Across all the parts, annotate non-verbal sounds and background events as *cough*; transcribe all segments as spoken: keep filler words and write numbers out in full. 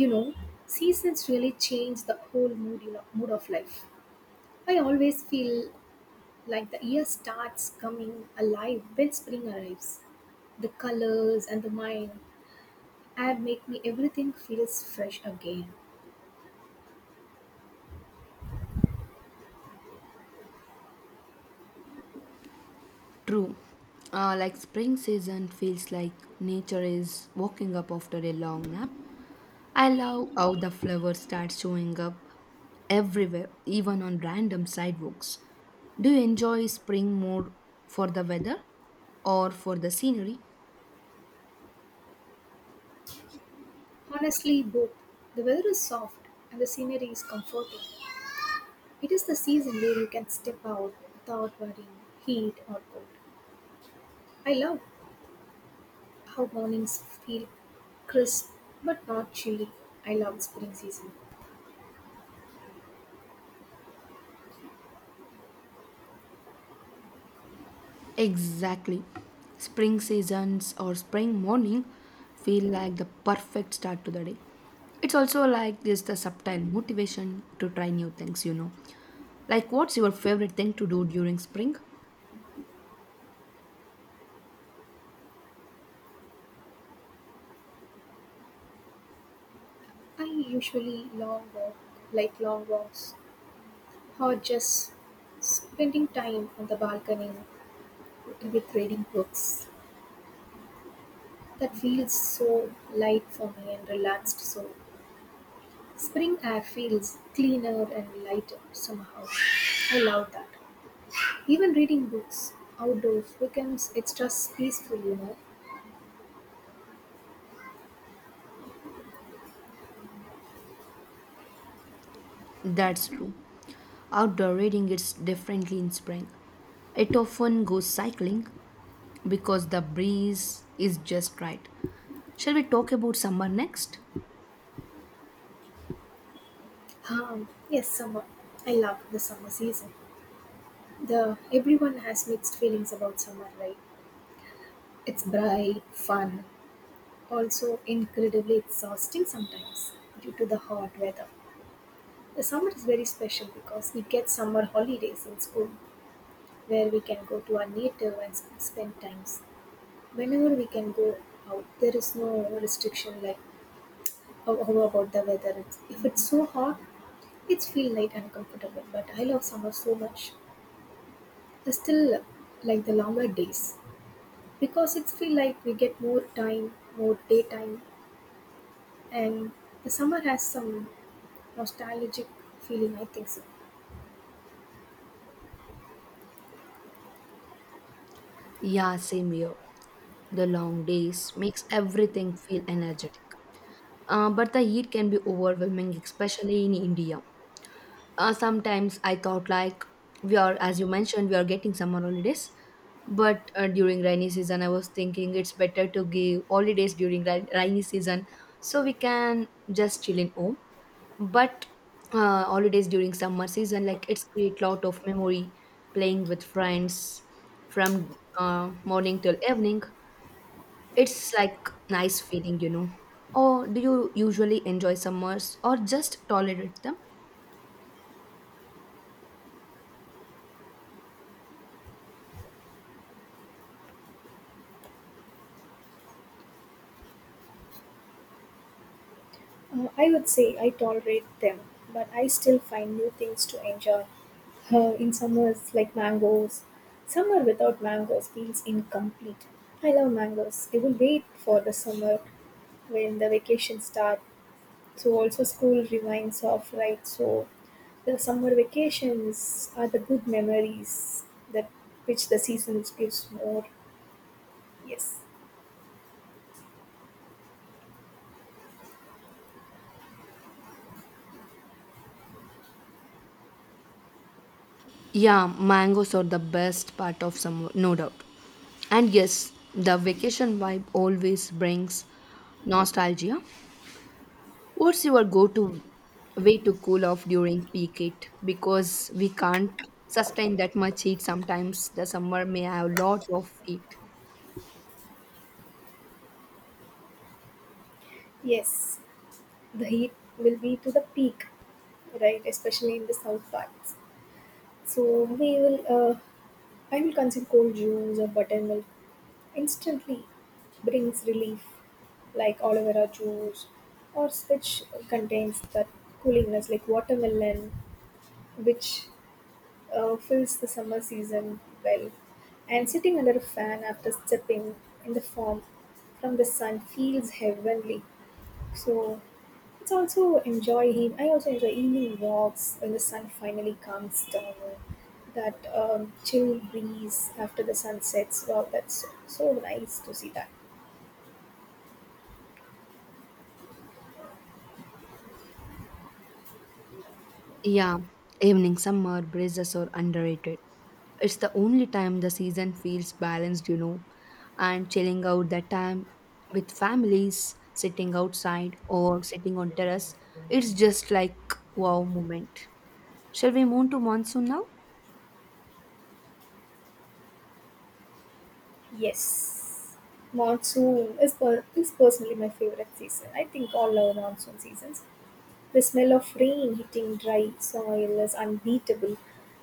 you know Seasons really change the whole mood you know mood of life. I always feel like the year starts coming alive when spring arrives. The colors and the mind add make me everything feels fresh again. True. Uh, like spring season feels like nature is waking up after a long nap. I love how the flowers start showing up everywhere, even on random sidewalks. Do you enjoy spring more for the weather or for the scenery? Honestly both. The weather is soft and the scenery is comforting. It is the season where you can step out without worrying heat or cold. I love how mornings feel crisp but not chilly. I love the spring season. Exactly. Spring seasons or spring morning feel like the perfect start to the day. It's also like this the subtle motivation to try new things, you know. Like, what's your favorite thing to do during spring? I usually long walk, like long walks, or just spending time on the balcony with reading books. That feels so light for me and relaxed. So spring air feels cleaner and lighter somehow. I love that. Even reading books outdoors becomes extra peaceful, you know. That's true. Outdoor reading is differently in spring. It often goes cycling because the breeze is just right. Shall we talk about summer next? Um, yes, summer. I love the summer season. The everyone has mixed feelings about summer, right? It's bright, fun, also incredibly exhausting sometimes due to the hot weather. The summer is very special because we get summer holidays in school where we can go to our native and sp- spend times. Whenever we can go out, there is no restriction like how, how about the weather. It's, if it's so hot, it's feel light and comfortable. But I love summer so much. I still like the longer days because it's feel like we get more time, more daytime, and the summer has some nostalgic feeling, I think so. Yeah, same here. The long days makes everything feel energetic. Uh, but the heat can be overwhelming, especially in India. Uh, sometimes I thought like we are, as you mentioned, we are getting summer holidays, but uh, during rainy season, I was thinking it's better to give holidays during ra- rainy season so we can just chill in home. But uh, holidays during summer season, like it's create lot of memory playing with friends from uh, morning till evening. It's like nice feeling, you know. Or do you usually enjoy summers or just tolerate them? Uh, I would say I tolerate them, but I still find new things to enjoy. Uh, in summers, like mangoes, summer without mangoes feels incomplete. I love mangoes. I will wait for the summer when the vacation starts. So also school reminds of right. So the summer vacations are the good memories that which the season gives more. Yes, Yeah, mangoes are the best part of summer, no doubt. And yes, the vacation vibe always brings nostalgia. What's your go to way to cool off during peak heat? Because we can't sustain that much heat sometimes. The summer may have lots of heat. yes, the heat will be to the peak right? Especially in the south parts. So we will, uh, I will consume cold juice or buttermilk. Instantly brings relief, like aloe vera juice, or which contains that coolingness, like watermelon, which uh, fills the summer season well. And sitting under a fan after stepping in the form from the sun feels heavenly. So it's also enjoy him. I also enjoy evening walks when the sun finally comes down. That um, chill breeze after the sun sets. Wow, that's so, so nice to see that. Yeah, evening, summer, breezes are underrated. It's the only time the season feels balanced, you know, and chilling out that time with families, sitting outside or sitting on terrace, it's just like wow moment. Shall we move to monsoon now? Yes, monsoon is per- is personally my favorite season. I think all love monsoon seasons. The smell of rain hitting dry soil is unbeatable.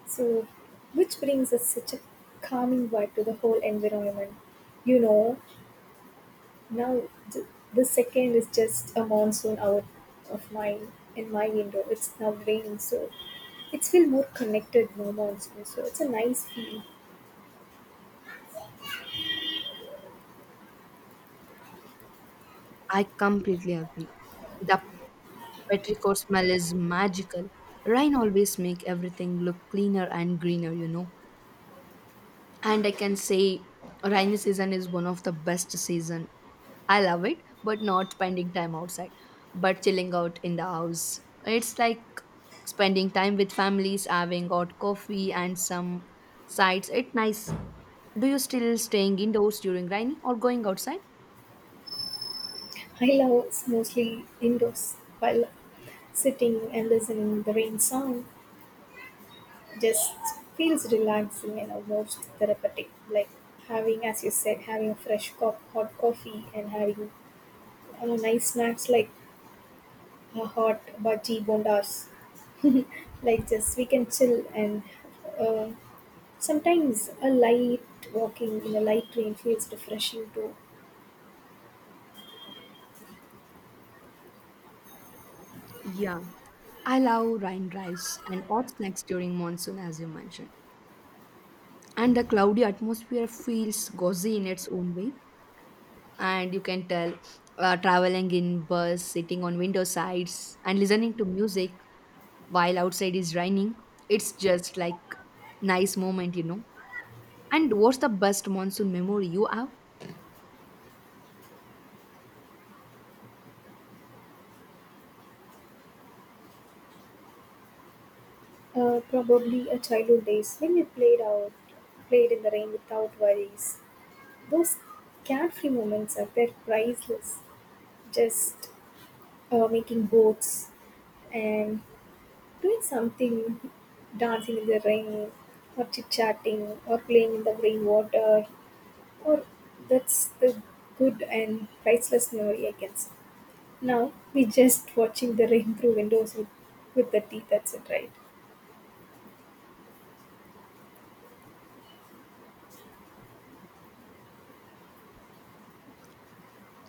So, which brings us such a calming vibe to the whole environment. You know, now, th- the second is just a monsoon out of mine in my window. It's now raining, so it's feel more connected. No monsoon, so it's a nice feeling. I completely agree. The petrichor smell is magical. Rain always make everything look cleaner and greener, you know. And I can say rainy season is one of the best season. I love it, but not spending time outside, but chilling out in the house. It's like spending time with families having hot coffee and some sides, it's nice. Do you still staying indoors during rainy or going outside? I love it's mostly indoors while sitting and listening the rain sound. Just feels relaxing and almost therapeutic. Like having, as you said, having a fresh cup, hot coffee, and having uh, nice snacks like uh, hot bhaji bondas. Like just we can chill and uh, sometimes a light walking in a light rain feels refreshing too. Yeah, I love rain drives and hot snacks during monsoon, as you mentioned. And the cloudy atmosphere feels cozy in its own way. And you can tell, uh, traveling in bus sitting on window sides and listening to music while outside is raining, it's just like nice moment, you know. And what's the best monsoon memory you have? Uh, probably a childhood days when we played out, played in the rain without worries. Those carefree moments are they're priceless. Just uh, making boats and doing something, dancing in the rain, or chit chatting, or playing in the rain water, or that's the good and priceless memory I can say. Now we just watching the rain through windows with, with the tea, that's it, right?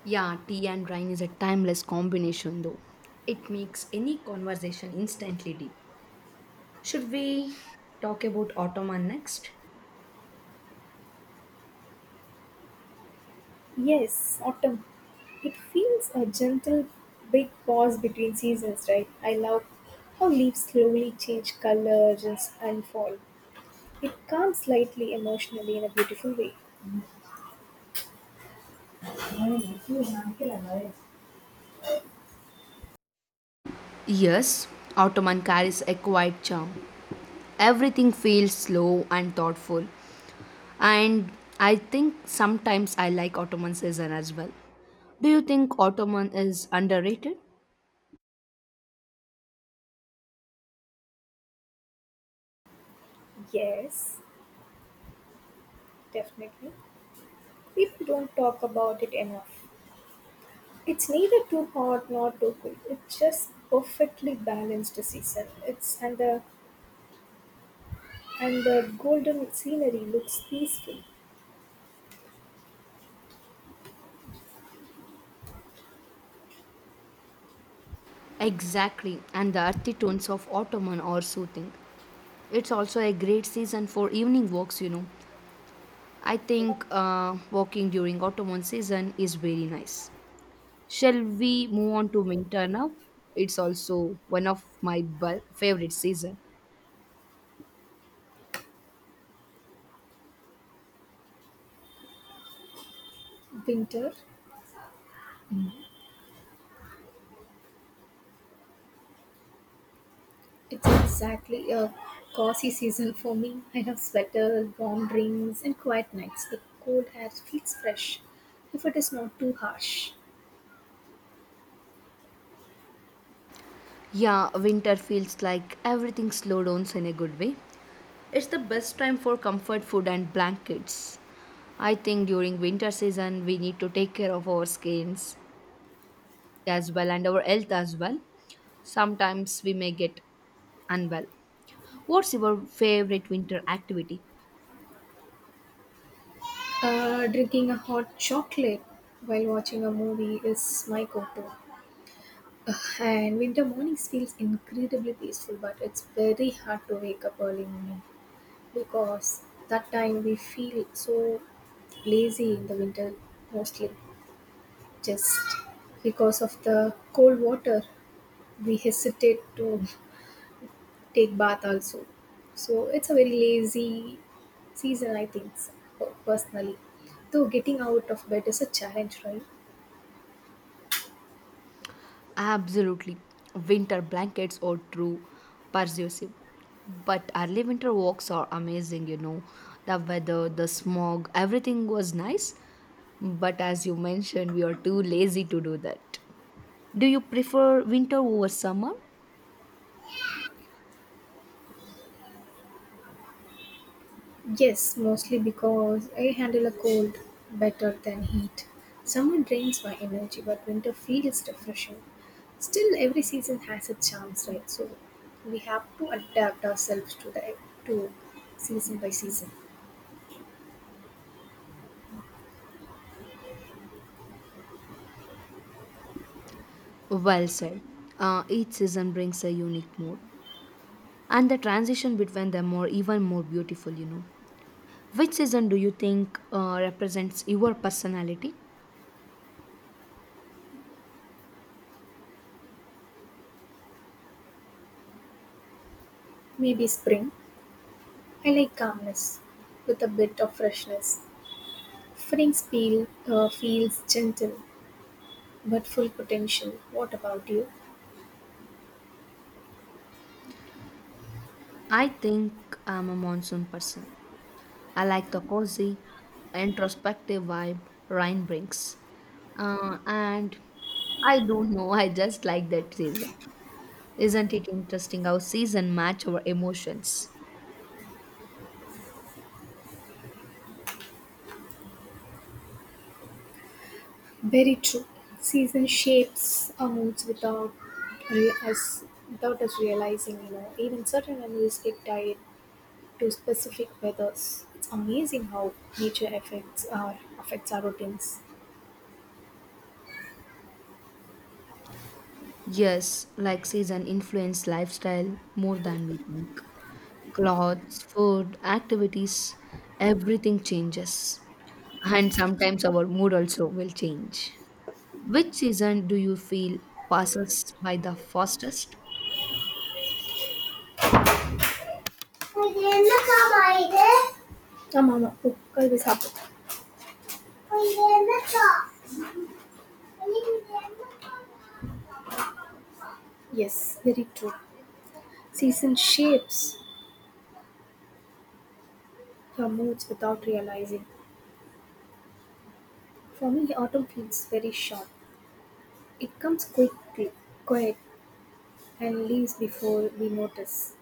Yeah, tea and rain is a timeless combination, though. It makes any conversation instantly deep. Should we talk about ottoman next? Yes, autumn. It feels a gentle big pause between seasons, right? I love how leaves slowly change colors and, s- and fall. It calms slightly emotionally in a beautiful way. Yes, Ottoman carries a quiet charm. Everything feels slow and thoughtful, and I think sometimes I like Ottoman season as well. Do you think Ottoman is underrated? Yes, definitely. People don't talk about it enough. It's neither too hot nor too cold. It's just perfectly balanced season. It's and the and the golden scenery looks peaceful. Exactly, and the earthy tones of Ottoman are soothing. It's also a great season for evening walks, you know. I think uh, walking during Ottoman season is very nice. Shall we move on to winter now? It's also one of my bu- favorite season. Winter, it's exactly a cozy season for me. I have sweaters, warm drinks, and quiet nights. The cold air feels fresh if it is not too harsh. Yeah, winter feels like everything slow downs in a good way. It's the best time for comfort food and blankets. I think during winter season we need to take care of our skins as well and our health as well. Sometimes we may get unwell. What's your favorite winter activity? Uh, drinking a hot chocolate while watching a movie is my go to. And winter mornings feels incredibly peaceful, but it's very hard to wake up early morning because that time we feel so lazy in the winter mostly. Just because of the cold water, we hesitate to take bath also. So it's a very lazy season, I think, so, personally. Though getting out of bed is a challenge, right? Absolutely. Winter blankets are true persuasive. But early winter walks are amazing, you know. The weather, the smog, everything was nice. But as you mentioned, we are too lazy to do that. Do you prefer winter over summer? Yes, mostly because I handle a cold better than heat. Summer drains my energy, but winter feels refreshing. Still, every season has its charms, right? So we have to adapt ourselves to the to season by season. Well said. Uh, each season brings a unique mood, and the transition between them are even more beautiful, you know. Which season do you think uh, represents your personality? Maybe spring. I like calmness with a bit of freshness. Spring feel, uh, feels gentle but full potential. What about you? I think I'm a monsoon person. I like the cozy, introspective vibe rain brings. Uh, and I don't know, *laughs* I just like that season. Isn't it interesting how season match our emotions? Very true. Season shapes our moods without re- us without us realizing. You know, even certain animals get tied to specific weathers. It's amazing how nature affects our affects our routines. Yes, like season influence lifestyle more than we think. Clothes, food, activities, everything changes. And sometimes our mood also will change. Which season do you feel passes by the fastest? இது என்னக்கா இது ஆமா ஆமா பூக்கள் சாப்பிட்டு இது என்னக்கா. Yes, very true. Season shapes your moods without realizing. For me, autumn feels very short. It comes quickly, quiet, and leaves before we notice.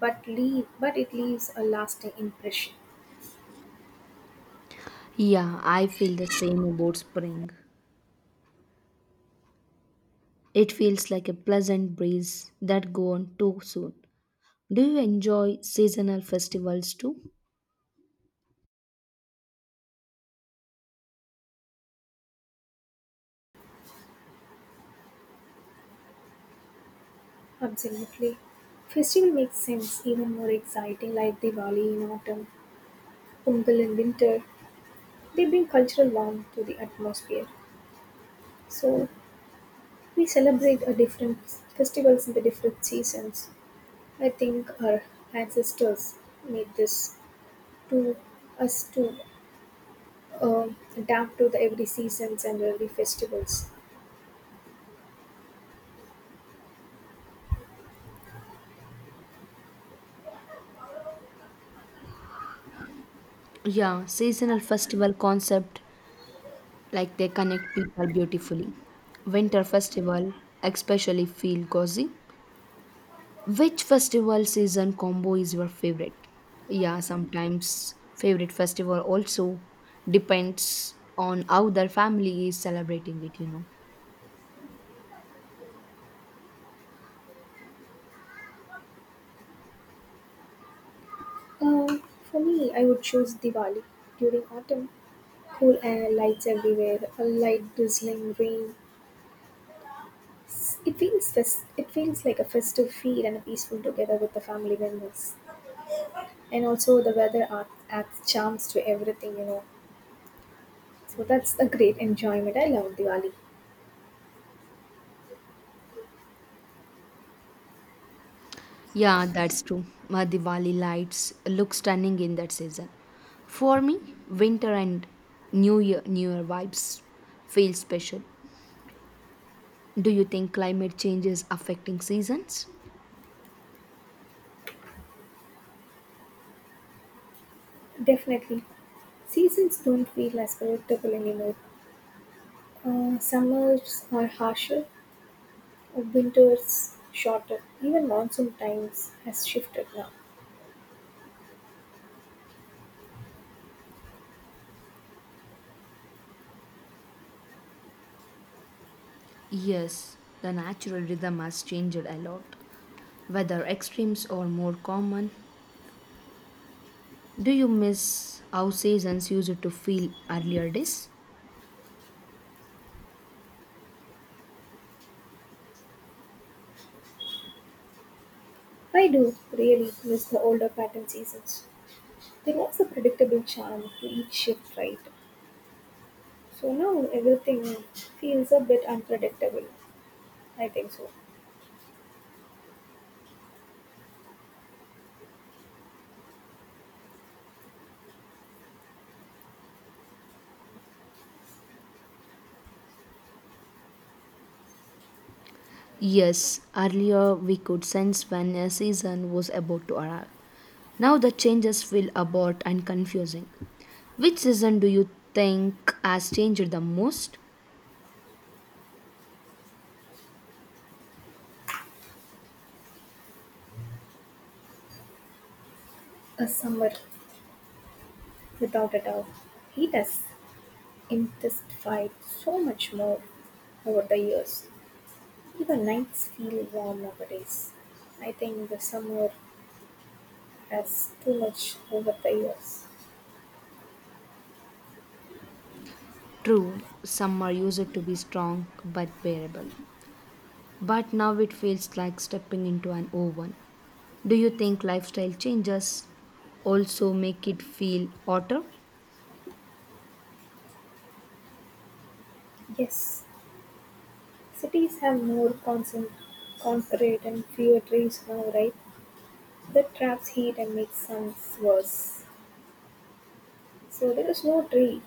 But leave, but it leaves a lasting impression. Yeah, I feel the same about spring. It feels like a pleasant breeze that go on too soon. Do you enjoy seasonal festivals too? Absolutely. Festival makes sense even more exciting, like Diwali in autumn, Pongal in winter. They bring cultural warmth to the atmosphere. So we celebrate a different festivals in the different seasons. I think our ancestors made this to us to uh, adapt to the every seasons and every festivals. Yeah, seasonal festival concept, like they connect people beautifully. Winter festival especially feel cozy. Which festival season combo is your favorite? Yeah, sometimes favorite festival also depends on how their family is celebrating it, you know. Uh, for me, I would choose Diwali during autumn. Cool air, lights everywhere, a light drizzling rain. It feels fes- it feels like a festive feel and a peaceful together with the family members. And also the weather adds, adds charms to everything, you know. So that's a great enjoyment. I love Diwali. Yeah, that's true. Uh, Diwali lights look stunning in that season. For me, winter and New Year New Year vibes feel special. Do you think climate change is affecting seasons? Definitely. Seasons don't feel as predictable anymore. Uh, summers are harsher, winters shorter, even monsoon times has shifted now. Yes, the natural rhythm has changed a lot, whether extremes are more common. Do you miss how seasons used to feel earlier days? I do really miss the older pattern seasons. There was a predictable charm to each shift, right? So now everything feels a bit unpredictable. I think so. Yes, earlier we could sense when a season was about to arrive. Now the changes feel abrupt and confusing. Which season do you think has changed the most? A summer, without a doubt. Heat us. Intensified so much more over the years. Even nights feel warm nowadays. I think the summer has too much over the years. True, summer used to be strong but bearable. But now it feels like stepping into an oven. Do you think lifestyle changes also make it feel hotter? Yes, cities have more concent- concrete and fewer trees now, right? That traps heat and makes suns worse. So there is no tree.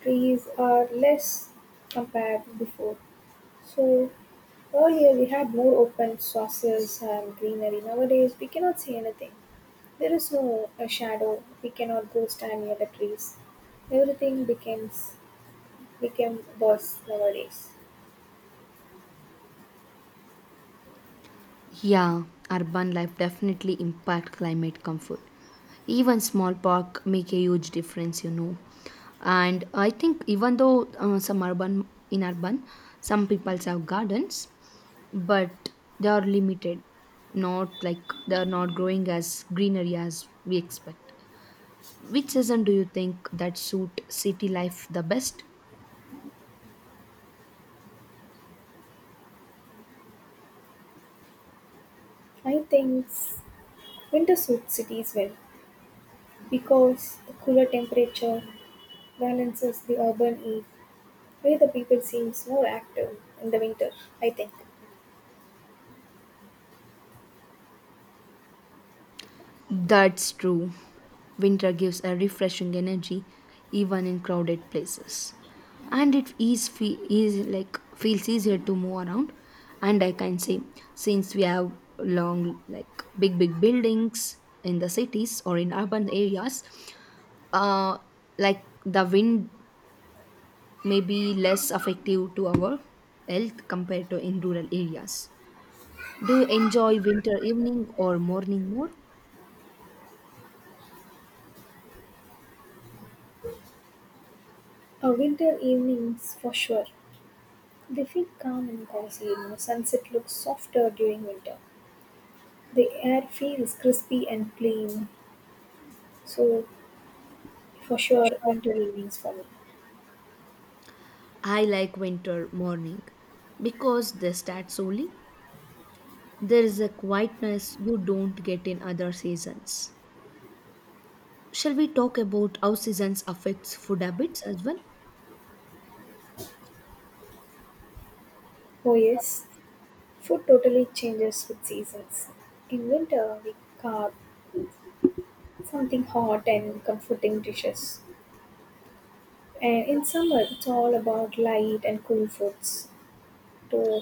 Trees are less compared before. So earlier we had more open sources and greenery. Nowadays we cannot see anything. There is no a shadow. We cannot go stand near the trees. Everything becomes became worse nowadays. Yeah, urban life definitely impact climate comfort. Even small park make a huge difference, you know. And I think even though uh, some urban in urban, some people have gardens, but they are limited. Not like they are not growing as greenery as we expect. Which season do you think that suit city life the best? I think winter suits cities well because the cooler temperature balances the urban eve where the people seems more active in the winter, I think. That's true. Winter gives a refreshing energy even in crowded places. And it is, fe- is like feels easier to move around. And I can say since we have long like big big buildings in the cities or in urban areas, uh like the wind may be less effective to our health compared to in rural areas. Do you enjoy winter evening or morning more? A winter evenings for sure. They feel calm and cozy, you know. Sunset looks softer during winter. The air feels crispy and clean. So for sure, winter evenings for me. I like winter morning because they start slowly. There is a quietness you don't get in other seasons. Shall we talk about how seasons affects food habits as well? Oh, yes, food totally changes with seasons. In winter, we carve something hot and comforting dishes. And in summer, it's all about light and cool foods to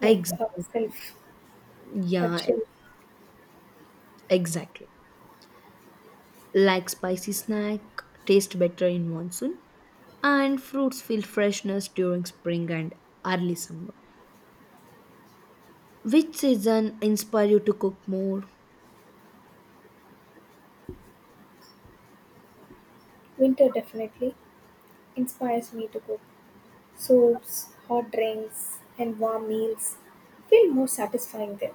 make Exactly. ourselves a Yeah, chill. ex- exactly. Like spicy snack taste better in monsoon and fruits feel freshness during spring and early summer. Which season inspire you to cook more? Winter definitely inspires me to cook soups, hot drinks, and warm meals. Feel more satisfying there.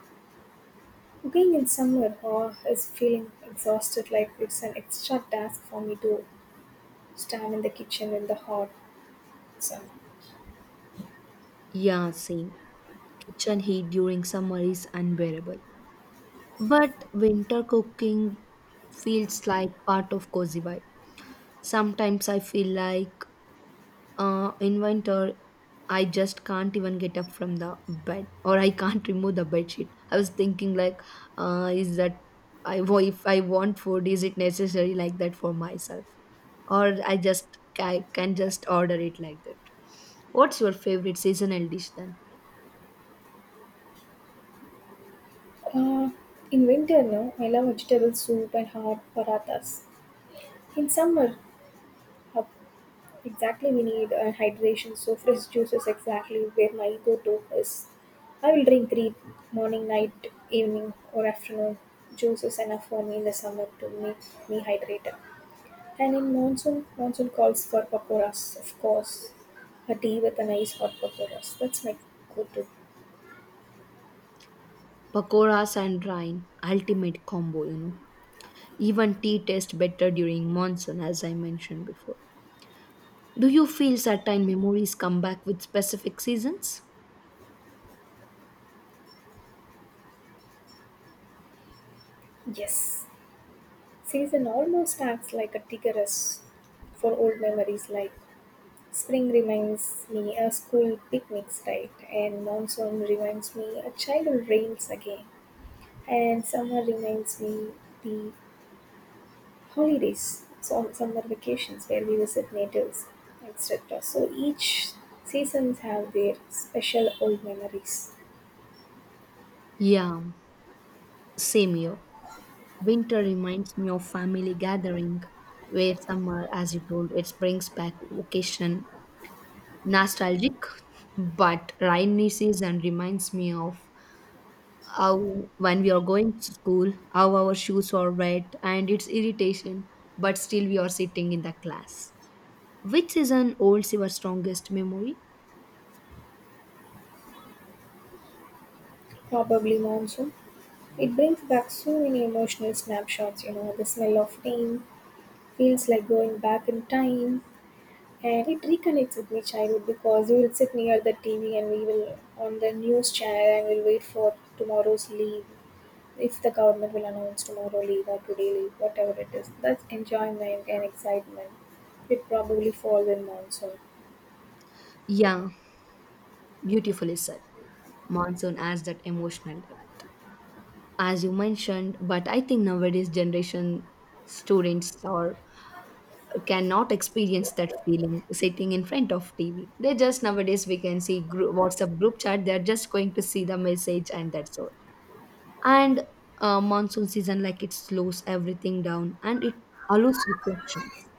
Cooking in summer oh, is feeling exhausted like it's an extra task for me to stand in the kitchen in the hot sun. Yeah, same. Kitchen heat during summer is unbearable. But winter cooking feels like part of cozy vibe. Sometimes I feel like uh, in winter I just can't even get up from the bed or I can't *laughs* remove the bed sheet. I was thinking like, uh, is that I wa- if I want food, is it necessary like that for myself, or I just I can just order it like that? What's your favorite seasonal dish then? Uh, in winter, no, I love vegetable soup and hot parathas. In summer, how exactly we need uh, hydration, so fresh juice is exactly where my go-to is. I will drink three morning, night, evening, or afternoon. Juice is enough for me in the summer to make me hydrated. And in monsoon, monsoon calls for pakoras, of course. A tea with a nice hot pakoras. That's my go-to. Pakoras and rain, ultimate combo, you know. Even tea tastes better during monsoon, as I mentioned before. Do you feel certain memories come back with specific seasons? Yes. Season almost acts like a triggeress for old memories like spring reminds me a school picnics right and monsoon reminds me a childhood rains again and summer reminds me the holidays so summer vacations where we visit natives etc so each seasons have their special old memories Yeah, same here. Winter reminds me of family gathering, where summer, as you told, it brings back vacation, nostalgic, but rainy season reminds me of how when we are going to school how our shoes are wet and it's irritation, but still we are sitting in the class, which is an old your strongest memory. probably monsoon it brings back so many emotional snapshots you know the smell of rain feels like going back in time and it reconnects with my childhood because we will sit near the T V and we will on the news channel and we'll wait for tomorrow's leave if the government will announce tomorrow leave or today leave whatever it is that's enjoyment and excitement it probably falls in monsoon Yeah, beautifully said. Monsoon has that emotional depth, as you mentioned, but I think nowadays generation students or cannot experience that feeling sitting in front of tv. They just nowadays we can see group, whatsapp group chat, they're just going to see the message and that's all. And uh, monsoon season like it slows everything down and it allows reflections.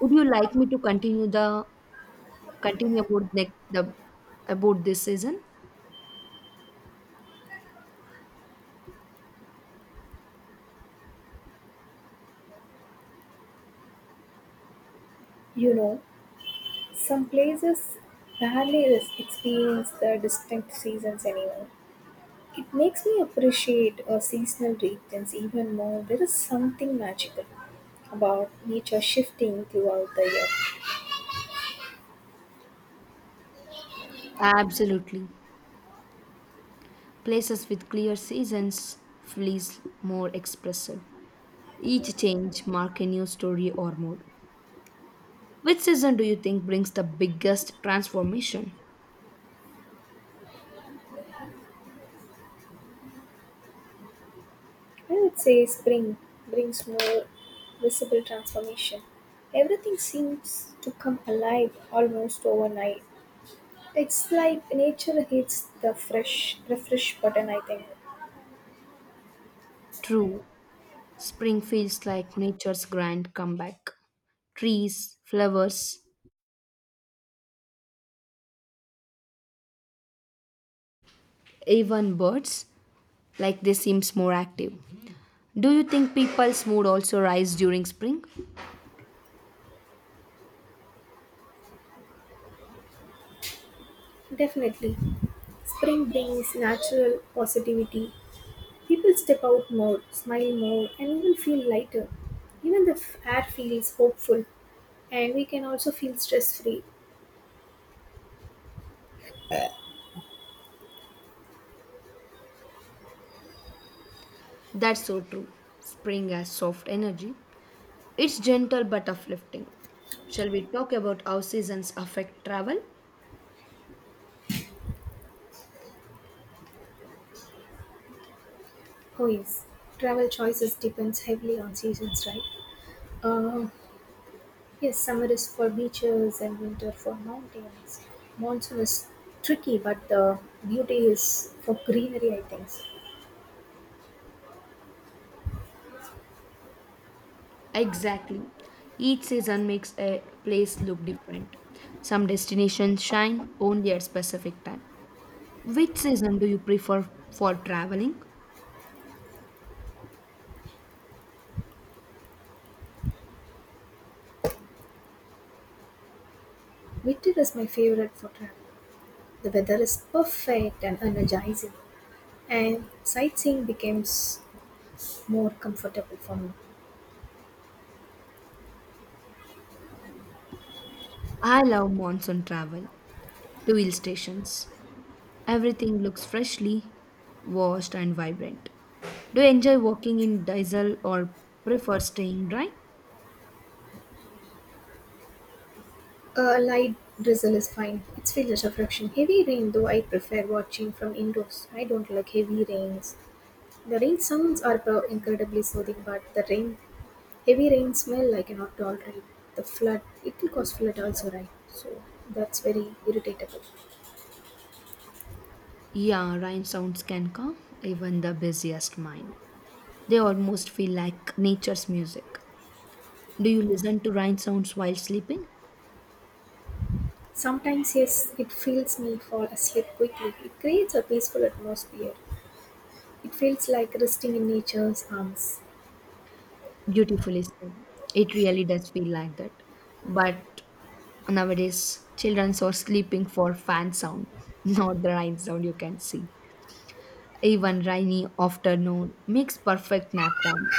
Would you like me to continue the continue about the, the about this season? you know some places rarely is- experience the distinct seasons anymore. It makes me appreciate uh, seasonal regions even more. There is something magical about nature shifting throughout the year. Absolutely, places with clear seasons feels more expressive. Each change mark a new story or mood. Which season do you think brings the biggest transformation? I would say spring brings more visible transformation. Everything seems to come alive almost overnight. It's like nature hits the fresh refresh button, I think. True, spring feels like nature's grand comeback. Trees, flowers, even birds, like they seems more active. Do you think people's mood also rise during spring? Definitely. Spring brings natural positivity. People step out more, smile more, and even feel lighter. Even the f- air feels hopeful, and we can also feel stress free. That's so true. Spring has soft energy, it's gentle but uplifting. Shall we talk about how seasons affect travel? Oh, yes, travel choices depends heavily on seasons, right? Uh, yes, summer is for beaches and winter for mountains. Monsoon is tricky, but the beauty is for greenery, I think. Exactly, each season makes a place look different. Some destinations shine only at specific time. Which season do you prefer for traveling? Winter is my favorite for travel. The weather is perfect and energizing, and sightseeing becomes more comfortable for me. I love monsoon travel. Fuel stations. Everything looks freshly washed and vibrant. Do you enjoy walking in diesel or prefer staying dry? A light drizzle is fine. It's feel as heavy rain, though, I prefer watching from indoors. I don't like heavy rains. The rain sounds are pro- incredibly soothing, but the rain, heavy rain smell I cannot tolerate. The flood, it will cause flood also, right? So that's very irritatable. Yeah, rain sounds can calm even the busiest mind. They almost feel like nature's music. Do you listen to rain sounds while sleeping? Sometimes, yes, it feels me fall asleep quickly. It creates a peaceful atmosphere. It feels like resting in nature's arms. Beautifully said. It really does feel like that. But nowadays, children are sleeping for fan sound, *laughs* not the rain sound you can see. Even rainy afternoon makes perfect nap time.